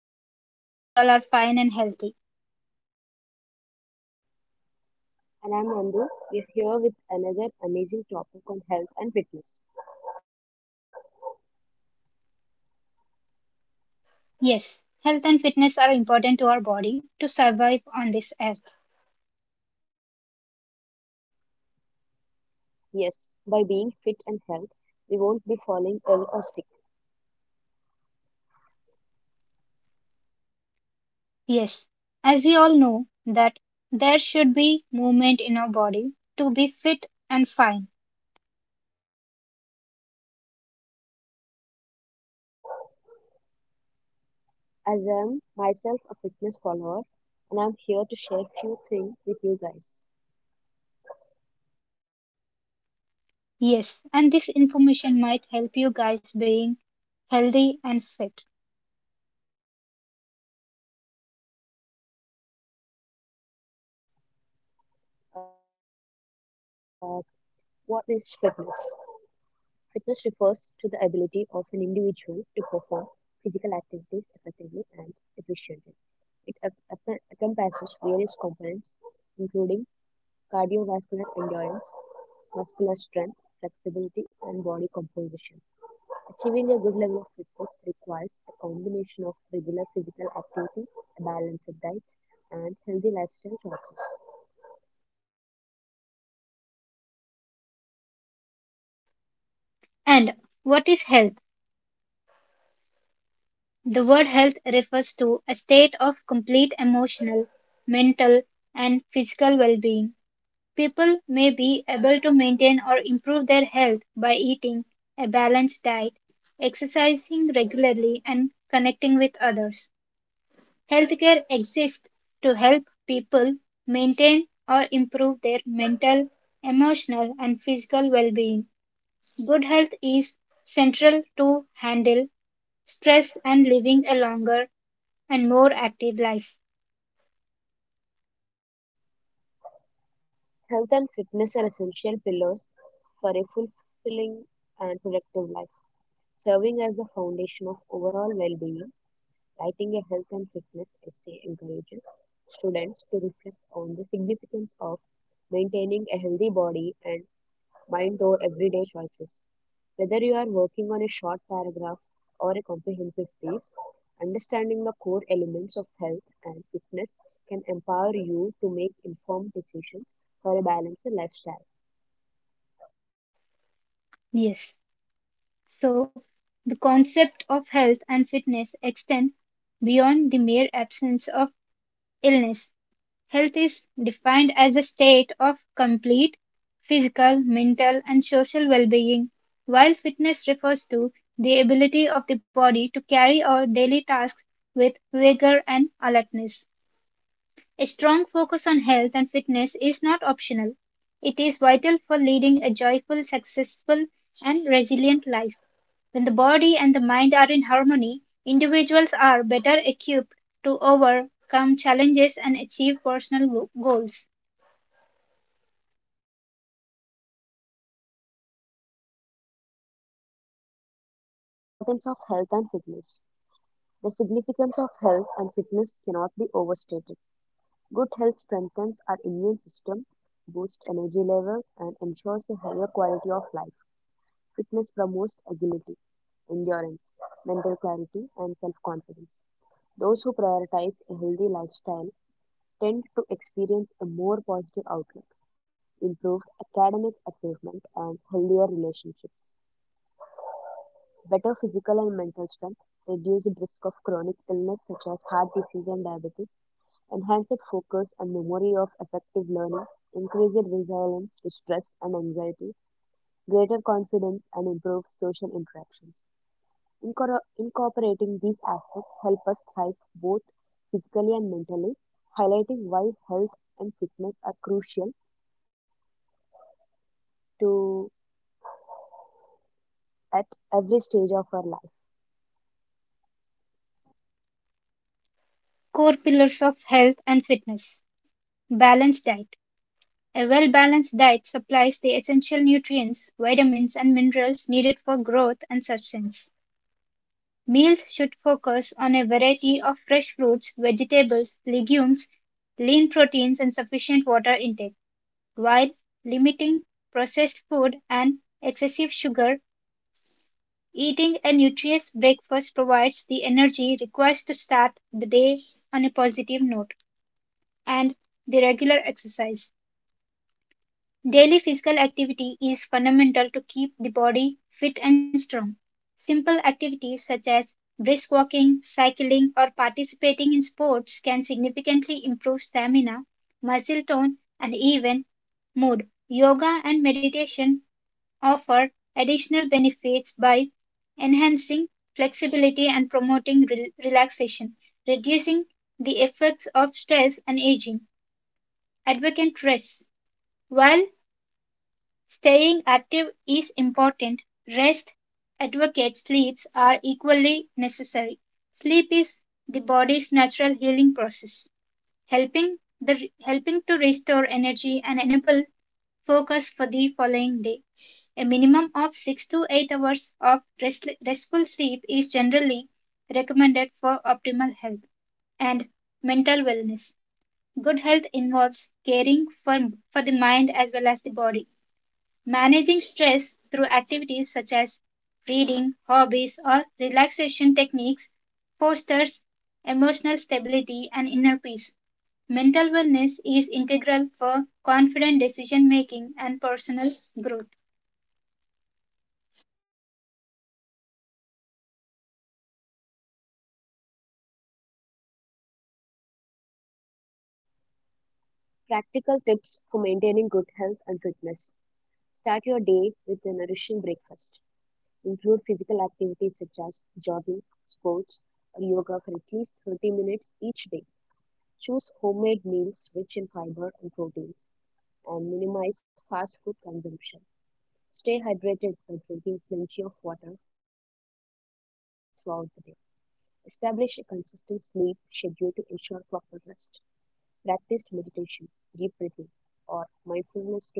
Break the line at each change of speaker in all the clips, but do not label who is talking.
Geetanjali. Hope you all are fine and healthy.
And I'm Nandu. We're here with another amazing topic on health and fitness.
Yes, health and fitness are important to our body to survive on this earth.
Yes, by being fit and health, we won't be falling ill or sick.
Yes, as we all know that there should be movement in our body to be fit and fine.
As I'm myself a fitness follower, and I'm here to share few things with you guys.
Yes, and this information might help you guys being healthy and fit.
Uh, what is fitness? Fitness refers to the ability of an individual to perform physical activities effectively and efficiently. It encompasses various components, including cardiovascular endurance, muscular strength, flexibility, and body composition. Achieving a good level of fitness requires a combination of regular physical activity, a balanced diet, and healthy lifestyle choices.
And what is health? The word health refers to a state of complete emotional, mental, and physical well being. People may be able to maintain or improve their health by eating a balanced diet, exercising regularly, and connecting with others. Healthcare exists to help people maintain or improve their mental, emotional, and physical well being. Good health is central to handle stress and living a longer and more active life.
Health and fitness are essential pillars for a fulfilling and productive life. Serving as the foundation of overall well-being, writing a health and fitness essay encourages students to reflect on the significance of maintaining a healthy body and mind through everyday choices. Whether you are working on a short paragraph or a comprehensive piece, understanding the core elements of health and fitness can empower you to make informed decisions for a balanced lifestyle.
Yes. So, the concept of health and fitness extend beyond the mere absence of illness. Health is defined as a state of complete physical, mental, and social well being, while fitness refers to the ability of the body to carry out daily tasks with vigor and alertness. A strong focus on health and fitness is not optional. It is vital for leading a joyful, successful, and resilient life. When the body and the mind are in harmony, individuals are better equipped to overcome challenges and achieve personal goals.
The importance of health and fitness. The significance of health and fitness cannot be overstated. Good health strengthens our immune system, boosts energy level, and ensures a higher quality of life. Fitness promotes agility, endurance, mental clarity, and self confidence. Those who prioritize a healthy lifestyle tend to experience a more positive outlook, improved academic achievement, and healthier relationships. Better physical and mental strength, reduced risk of chronic illness such as heart disease and diabetes, enhanced focus and memory of effective learning, increased resilience to stress and anxiety, greater confidence and improved social interactions. Incorporating these aspects help us thrive both physically and mentally, highlighting why health and fitness are crucial to at every stage of our life.
Core pillars of health and fitness balanced diet. A well balanced diet supplies the essential nutrients, vitamins, and minerals needed for growth and substance. Meals should focus on a variety of fresh fruits, vegetables, legumes, lean proteins, and sufficient water intake, while limiting processed food and excessive sugar. Eating a nutritious breakfast provides the energy required to start the day on a positive note, and the regular exercise daily physical activity is fundamental to keep the body fit and strong. Simple activities such as brisk walking, cycling, or participating in sports can significantly improve stamina, muscle tone, and even mood. Yoga and meditation offer additional benefits by enhancing flexibility and promoting relaxation, reducing the effects of stress and aging. Advocate rest. While staying active is important; rest, adequate sleeps are equally necessary. Sleep is the body's natural healing process, helping to restore energy and enable focus for the following day. A minimum of 6 to 8 hours of rest, restful sleep is generally recommended for optimal health and mental wellness. Good health involves caring for the mind as well as the body. Managing stress through activities such as reading, hobbies, or relaxation techniques fosters emotional stability and inner peace. Mental wellness is integral for confident decision making and personal growth.
Practical tips for maintaining good health and fitness. Start your day with a nourishing breakfast. Include physical activities such as jogging, sports, or yoga for at least 30 minutes each day. Choose homemade meals rich in fiber and proteins and minimize fast food consumption. Stay hydrated by drinking plenty of water throughout the day. Establish a consistent sleep schedule to ensure proper rest. Practice meditation, deep breathing, or mindfulness to manage stress.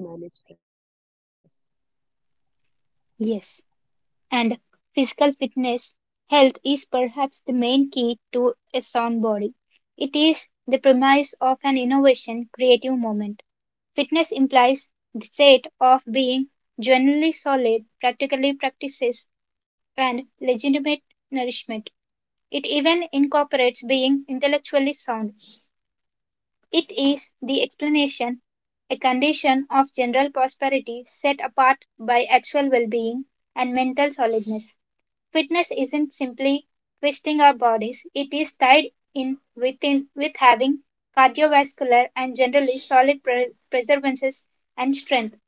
Yes. And physical fitness, health is perhaps the main key to a sound body. It is the premise of an innovation creative movement. Fitness implies the state of being generally solid, practically practices, and legitimate nourishment. It even incorporates being intellectually sound. It is the explanation, a condition of general prosperity set apart by actual well being and mental solidness. Fitness isn't simply twisting our bodies, it is tied in with having cardiovascular and generally solid preservances and strength,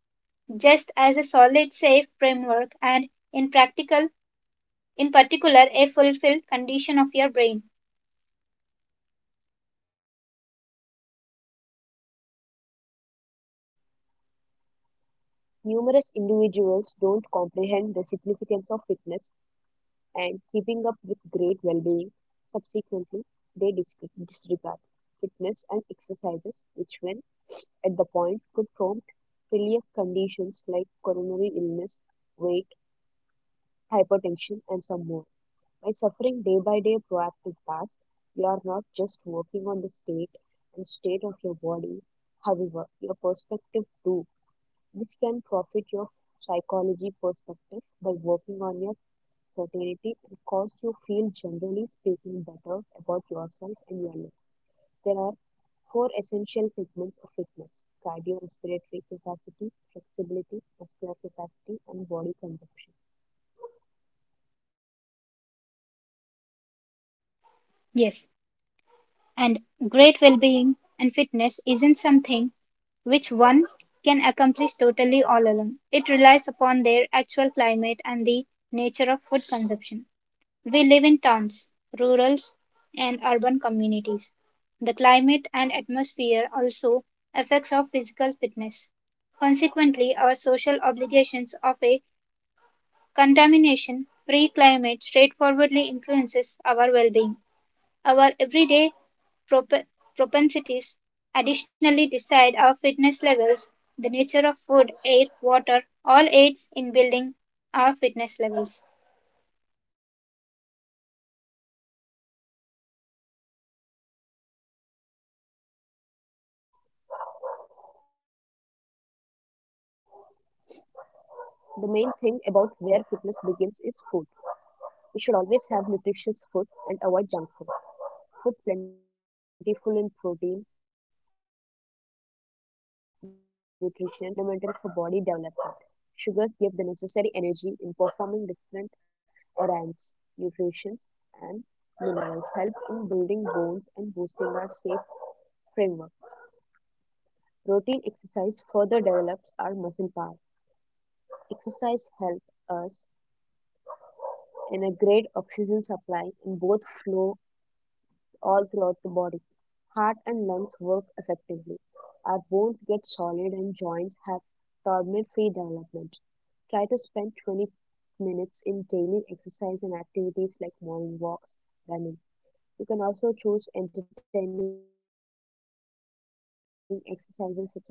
just as a solid, safe framework and in practical, in particular, a fulfilled condition of your brain.
Numerous individuals don't comprehend the significance of fitness and keeping up with great well being. Subsequently, they disregard fitness and exercises, which, when at the point, could prompt serious conditions like coronary illness, weight, hypertension, and some more. By suffering day by day proactive tasks, you are not just working on the state and state of your body, however, your perspective too this can profit your psychology perspective by working on your certainty and cause you feel generally speaking better about yourself and your life. There are four essential segments of fitness cardiorespiratory capacity, flexibility, muscular capacity, and body consumption.
Yes, and great well-being and fitness isn't something which one can accomplish totally all alone. It relies upon their actual climate and the nature of food consumption. We live in towns, rural and urban communities. The climate and atmosphere also affects our physical fitness. Consequently, our social obligations of a contamination-free climate straightforwardly influences our well-being. Our everyday prop- propensities additionally decide our fitness levels. The nature of food, air, water all aids in building our fitness levels.
The main thing about where fitness begins is food. We should always have nutritious food and avoid junk food. Food plentiful in protein, nutrients, minerals, and sugars is fundamental. Protein is fundamental for body development. Sugars give the necessary energy in performing different errands. Nutrients and minerals help in building bones and boosting our safe framework. Protein exercise further develops our muscle power. Exercise helps us in a great oxygen supply in both flow all throughout the body. Heart and lungs work effectively. Our bones get solid and joints have tournament free development. Try to spend 20 minutes in daily exercise and activities like morning walks, running. You can also choose entertaining exercises such as Zumba as per your interest.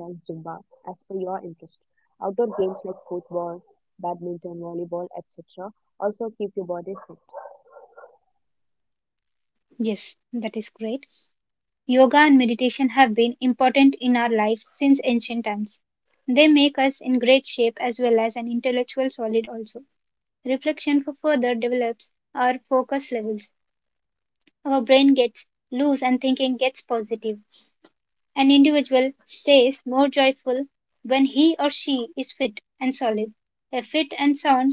Outdoor games like football, badminton, volleyball, etc. also keep your body fit.
Yes, that is great. Yoga and meditation have been important in our lives since ancient times. They make us in great shape as well as an intellectual solid also. Reflection for further develops our focus levels. Our brain gets loose and thinking gets positive. An individual stays more joyful when he or she is fit and solid. A fit and sound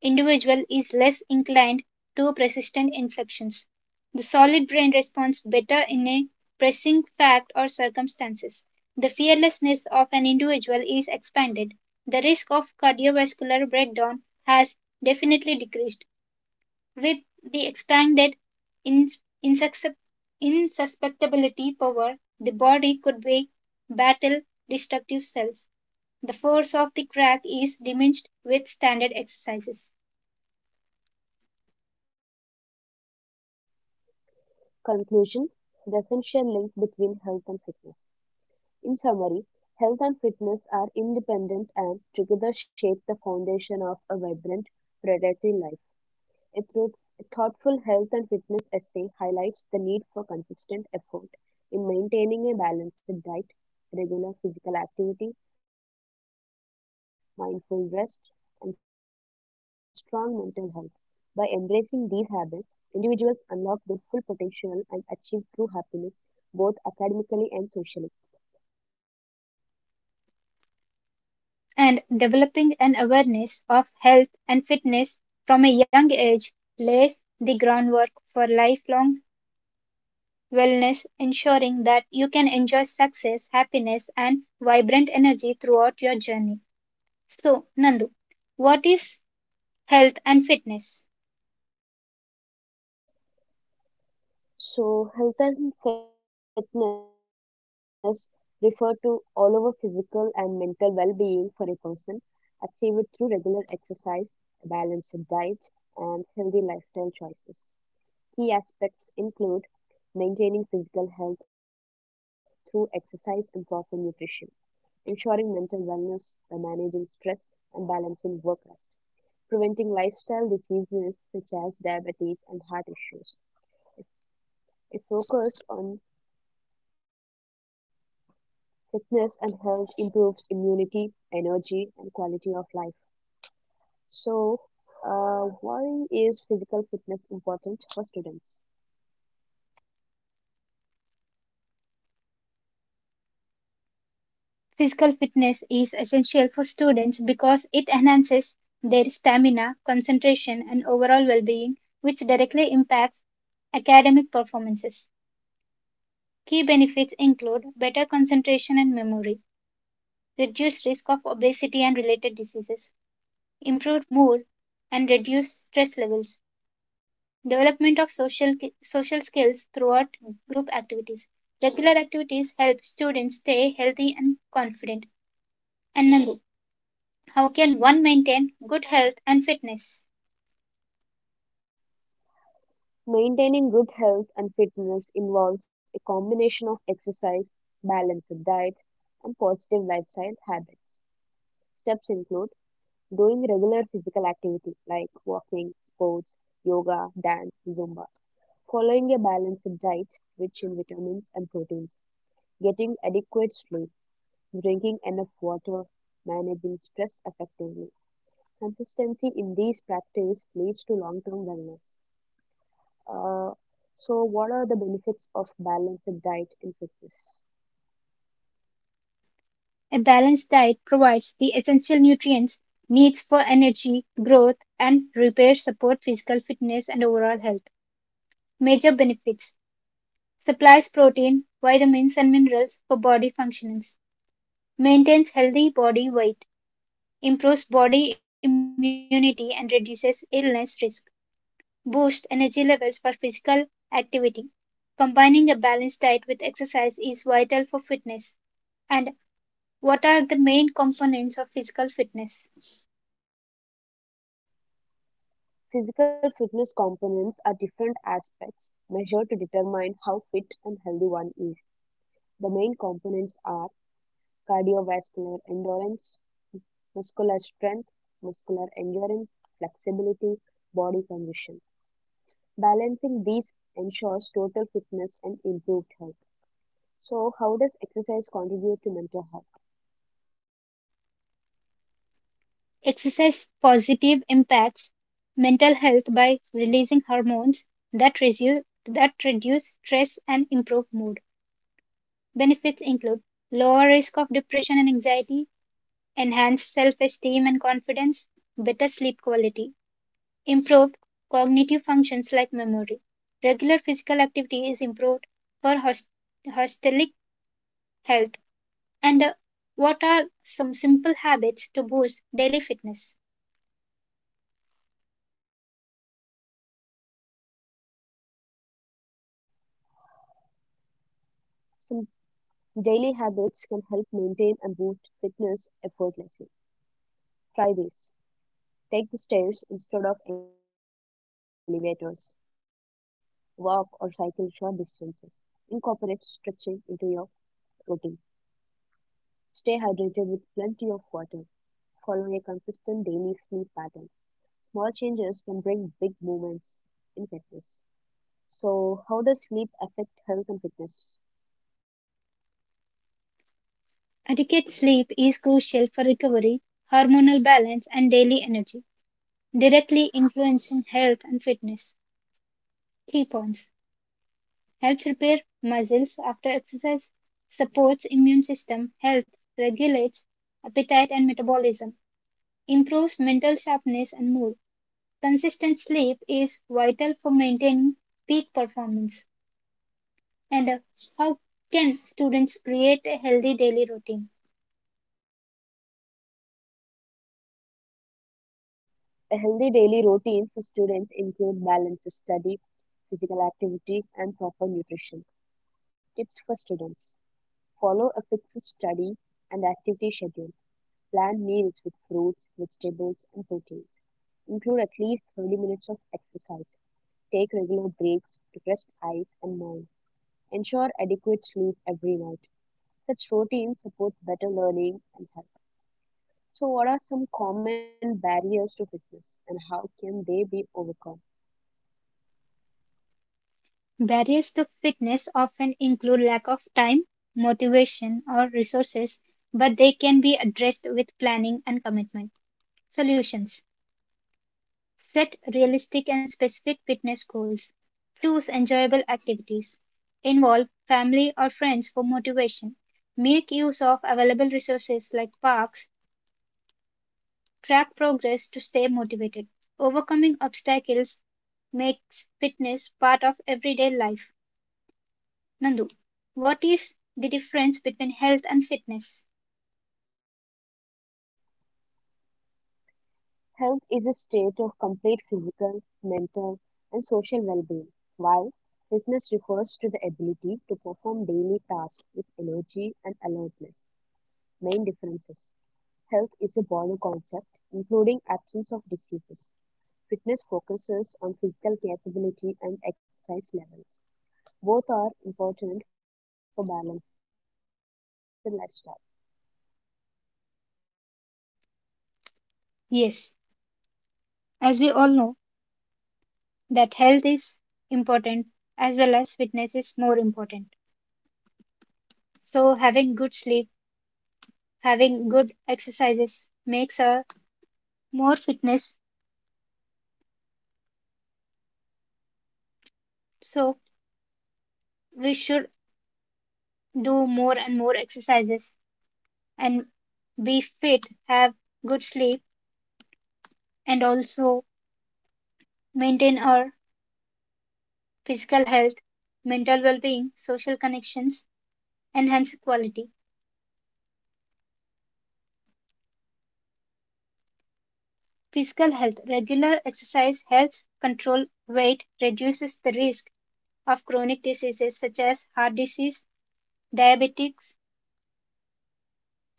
individual is less inclined to persistent infections. The solid brain responds better in a pressing fact or circumstances. The fearlessness of an individual is expanded. The risk of cardiovascular breakdown has definitely decreased. With the expanded insusceptibility power, the body could battle destructive cells. The force of the crack is diminished with standard exercises.
Conclusion The essential link between health and fitness. In summary, health and fitness are independent and together shape the foundation of a vibrant predatory life. A thoughtful health and fitness essay highlights the need for consistent effort in maintaining a balanced diet, regular physical activity, mindful rest, and strong mental health. By embracing these habits, individuals unlock their full potential and achieve true happiness both academically and socially.
And developing an awareness of health and fitness from a young age lays the groundwork for lifelong wellness, ensuring that you can enjoy success, happiness, and vibrant energy throughout your journey. So, Nandu, what is health and fitness?
So, health and fitness refer to all over physical and mental well being for a person, achieved through regular exercise, a balanced diet, and healthy lifestyle choices. Key aspects include maintaining physical health through exercise and proper nutrition, ensuring mental wellness by managing stress and balancing work rest, preventing lifestyle diseases such as diabetes and heart issues, a focus on Fitness and health improves immunity, energy, and quality of life. So, why is physical fitness important for students?
Physical fitness is essential for students because it enhances their stamina, concentration, and overall well being, which directly impacts academic performances. Key benefits include better concentration and memory, reduced risk of obesity and related diseases, improved mood, and reduced stress levels, development of social skills throughout group activities. Regular activities help students stay healthy and confident. And Nandu, how can one maintain good health and fitness?
Maintaining good health and fitness involves a combination of exercise, balanced diet, and positive lifestyle habits. Steps include doing regular physical activity like walking, sports, yoga, dance, zumba, following a balanced diet rich in vitamins and proteins, getting adequate sleep drinking enough water, managing stress effectively. Consistency in these practices leads to long-term wellness. Uh, so, what are the benefits of balanced diet in fitness?
A balanced diet provides the essential nutrients needs for energy, growth, and repair, support physical fitness and overall health. Major benefits supplies protein, vitamins, and minerals for body functions, maintains healthy body weight, improves body immunity, and reduces illness risk, boosts energy levels for physical activity. Combining a balanced diet with exercise is vital for fitness. And what are the main components of physical fitness?
Physical fitness components are different aspects measured to determine how fit and healthy one is. The main components are cardiovascular endurance, muscular strength, muscular endurance, flexibility, body condition. Balancing these ensures total fitness and improved health. So, how does exercise contribute to mental health?
Exercise positive impacts mental health by releasing hormones that reduce stress and improve mood. Benefits include lower risk of depression and anxiety, enhanced self-esteem and confidence, better sleep quality, improved cognitive functions like memory. Regular physical activity is improved for hostelic health. And what are some simple habits to boost daily fitness?
Some daily habits can help maintain and boost fitness effortlessly. Try this. Take the stairs instead of elevators. Walk or cycle short distances. Incorporate stretching into your routine. Stay hydrated with plenty of water. Follow a consistent daily sleep pattern. Small changes can bring big movements in fitness. So, how does sleep affect health and fitness?
Adequate sleep is crucial for recovery, hormonal balance, and daily energy, directly influencing health and fitness. Key points helps repair muscles after exercise, supports immune system health, regulates appetite and metabolism, improves mental sharpness and mood. Consistent sleep is vital for maintaining peak performance. And how can students create a healthy daily routine?
A healthy daily routine for students include balanced study, physical activity, and proper nutrition. Tips for students: Follow a fixed study and activity schedule. Plan meals with fruits, vegetables, and proteins. Include at least 30 minutes of exercise. Take regular breaks to rest eyes and mind. Ensure adequate sleep every night. Such routines support better learning and health. So, what are some common barriers to fitness and how can they be overcome?
Barriers to fitness often include lack of time, motivation, or resources, but they can be addressed with planning and commitment. Solutions set realistic and specific fitness goals, choose enjoyable activities, involve family or friends for motivation, make use of available resources like parks, track progress to stay motivated. Overcoming obstacles makes fitness part of everyday life. Nandu, what is the difference between health and fitness?
Health is a state of complete physical, mental, and social well being, while fitness refers to the ability to perform daily tasks with energy and alertness. Main differences Health is a broader concept, including absence of diseases. Fitness focuses on physical capability and exercise levels. Both are important for balanced lifestyle.
Yes, as we all know that health is important as well as fitness is more important. So having good sleep, having good exercises makes a more fitness. So we should do more and more exercises and be fit, have good sleep and also maintain our physical health, mental well-being, social connections, enhance quality. Physical health. Regular exercise helps control weight, reduces the risk of chronic diseases such as heart disease, diabetics,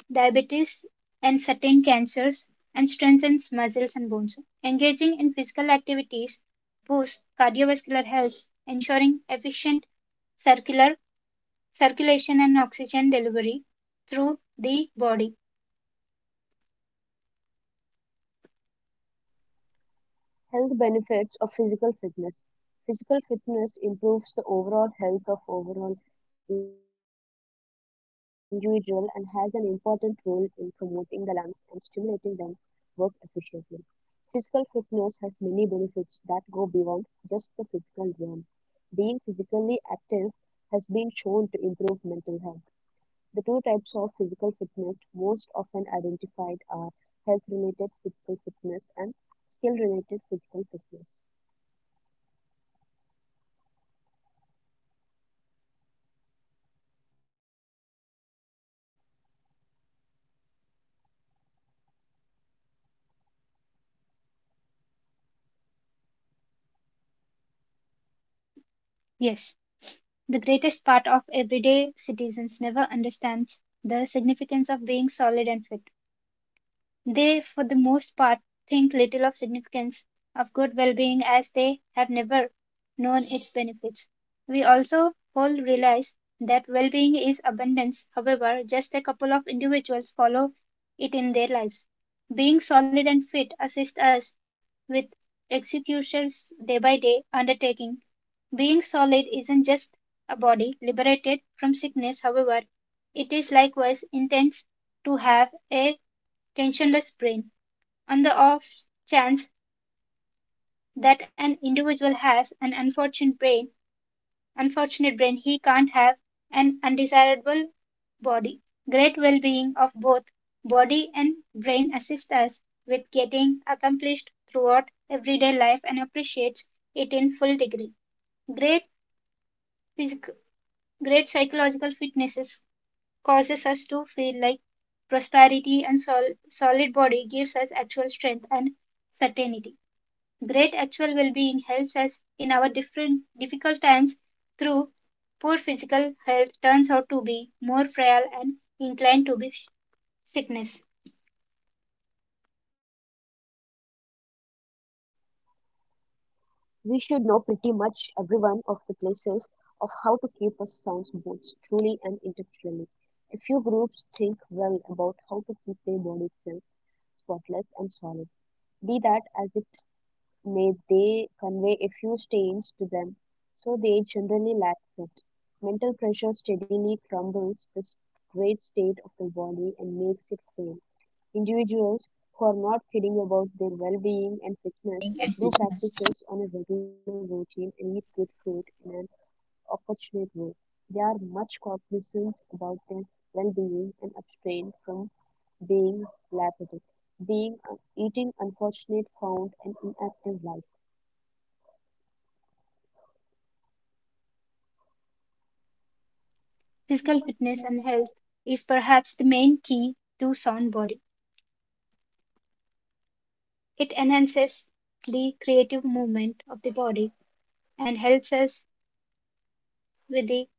diabetes, and certain cancers, and strengthens muscles and bones. Engaging in physical activities boosts cardiovascular health, ensuring efficient circular circulation and oxygen delivery through the body.
Health benefits of physical fitness. Physical fitness improves the overall health of overall individual and has an important role in promoting the lungs and stimulating them work efficiently. Physical fitness has many benefits that go beyond just the physical realm. Being physically active has been shown to improve mental health. The two types of physical fitness most often identified are health related physical fitness and skill related physical fitness.
Yes, the greatest part of everyday citizens never understands the significance of being solid and fit. They, for the most part, think little of significance of good well-being as they have never known its benefits. We also all realize that well-being is abundance. However, just a couple of individuals follow it in their lives. Being solid and fit assists us with executions day by day undertaking. Being solid isn't just a body liberated from sickness, however, it is likewise intense to have a tensionless brain. On the off chance that an individual has an unfortunate brain, he can't have an undesirable body. Great well-being of both body and brain assists us with getting accomplished throughout everyday life and appreciates it in full degree. Great physic- great psychological fitness causes us to feel like prosperity and solid body gives us actual strength and certainty. Great actual well-being helps us in our different difficult times through poor physical health turns out to be more frail and inclined to be sickness.
We should know pretty much every one of the places of how to keep us sound both truly and intellectually. A few groups think well about how to keep their bodies still, spotless, and solid. Be that as it may they convey a few stains to them, so they generally lack it. Mental pressure steadily crumbles this great state of the body and makes it frail. Individuals who are not caring about their well being and fitness do practices on a regular routine and eat good food in an opportunate way. They are much cognizant about their well being and abstain from being lethargic, being eating unfortunate, found an inactive life.
Physical fitness and health is perhaps the main key to sound body. It enhances the creative movement of the body and helps us with the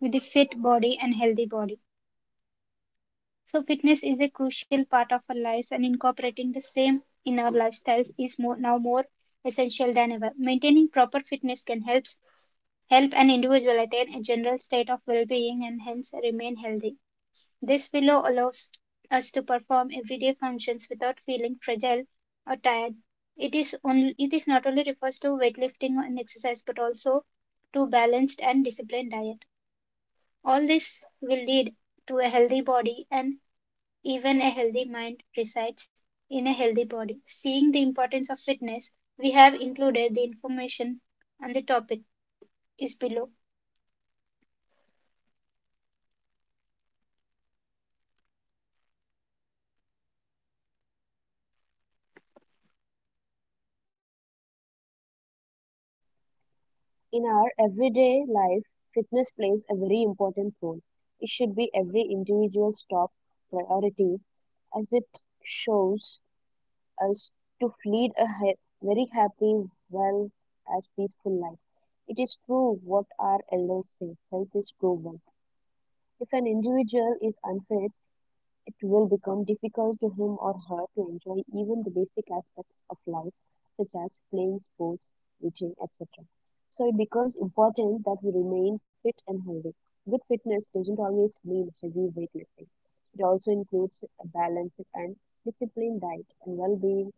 with the fit body and healthy body. So fitness is a crucial part of our lives and incorporating the same in our lifestyles is more essential than ever. Maintaining proper fitness can help an individual attain a general state of well-being and hence remain healthy. This willow allows us to perform everyday functions without feeling fragile or tired. It is not only refers to weightlifting and exercise, but also to balanced and disciplined diet. All this will lead to a healthy body, and even a healthy mind resides in a healthy body. Seeing the importance of fitness, we have included the information on the topic is below.
In our everyday life, fitness plays a very important role. It should be every individual's top priority as it shows us to lead a very happy, well, as peaceful life. It is true what our elders say health is global. If an individual is unfit, it will become difficult to him or her to enjoy even the basic aspects of life, such as playing sports, eating, etc. So it becomes important that we remain fit and healthy. Good fitness doesn't always mean heavy weightlifting. It also includes a balanced and disciplined diet and well-being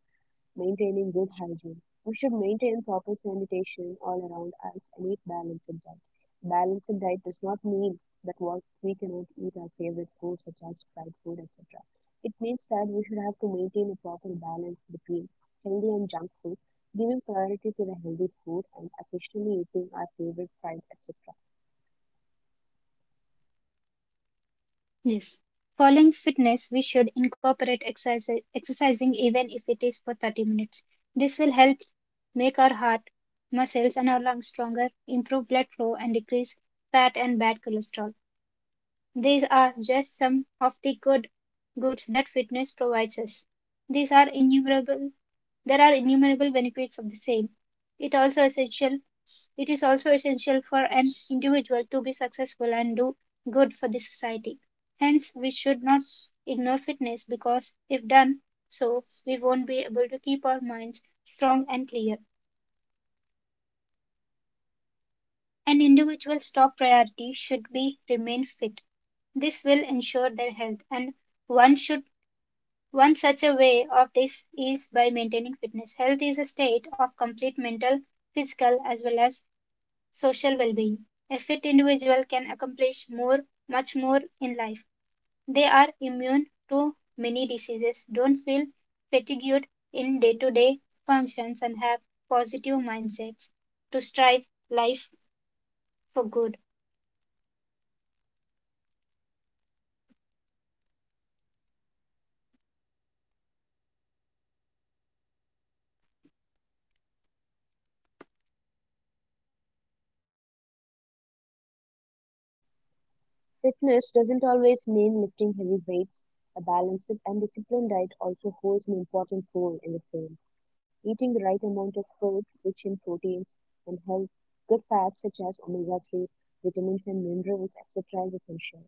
maintaining good hygiene. We should maintain proper sanitation all around us and eat balanced diet. Balanced diet does not mean that what we cannot eat our favorite food such as fried food, etc. It means that we should have to maintain a proper balance between healthy and junk food, giving priority to the healthy food and occasionally eating our favorite fried, etc.
Yes. Following fitness, we should incorporate exercising even if it is for 30 minutes. This will help make our heart, muscles, and our lungs stronger, improve blood flow, and decrease fat and bad cholesterol. These are just some of the good goods that fitness provides us. These are innumerable. There are innumerable benefits of the same. It also essential. It is also essential for an individual to be successful and do good for the society. Hence, we should not ignore fitness because if done so, we won't be able to keep our minds strong and clear. An individual's top priority should be remain fit. This will ensure their health and one should one such a way of this is by maintaining fitness. Health is a state of complete mental, physical, as well as social well-being. A fit individual can accomplish more, much more in life. They are immune to many diseases, don't feel fatigued in day-to-day functions, and have positive mindsets to strive life for good.
Fitness doesn't always mean lifting heavy weights. A balanced and disciplined diet also holds an important role in the same. Eating the right amount of food, rich in proteins and health, good fats such as omega omega-3, vitamins and minerals, etc., is essential.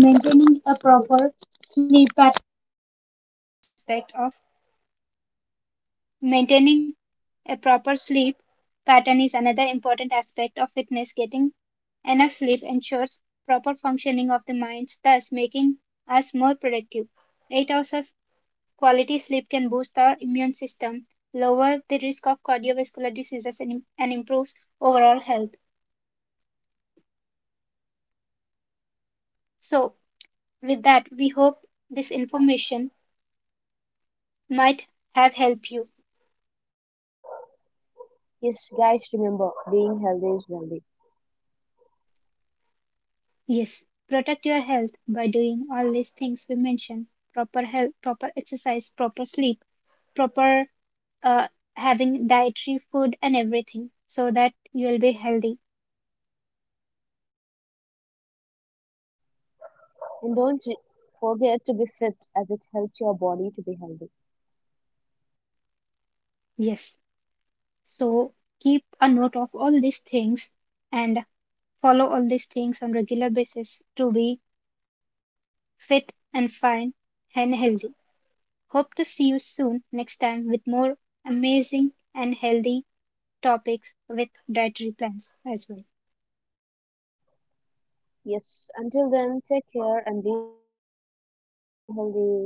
Maintaining a proper sleep pattern. Maintaining a proper sleep pattern is another important aspect of fitness. Getting enough sleep ensures proper functioning of the mind, thus making us more productive. 8 hours of quality sleep can boost our immune system, lower the risk of cardiovascular diseases, and improves overall health. So, with that, we hope this information might have helped you.
Yes, guys, remember being healthy is wealthy.
Yes, protect your health by doing all these things we mentioned. Proper health, proper exercise, proper sleep, proper uh, having dietary food and everything so that you'll be healthy.
And don't forget to be fit as it helps your body to be healthy.
Yes. So keep a note of all these things and follow all these things on regular basis to be fit and fine and healthy. Hope to see you soon next time with more amazing and healthy topics with dietary plans as well.
Yes, until then, take care and be healthy. Bye bye. See you.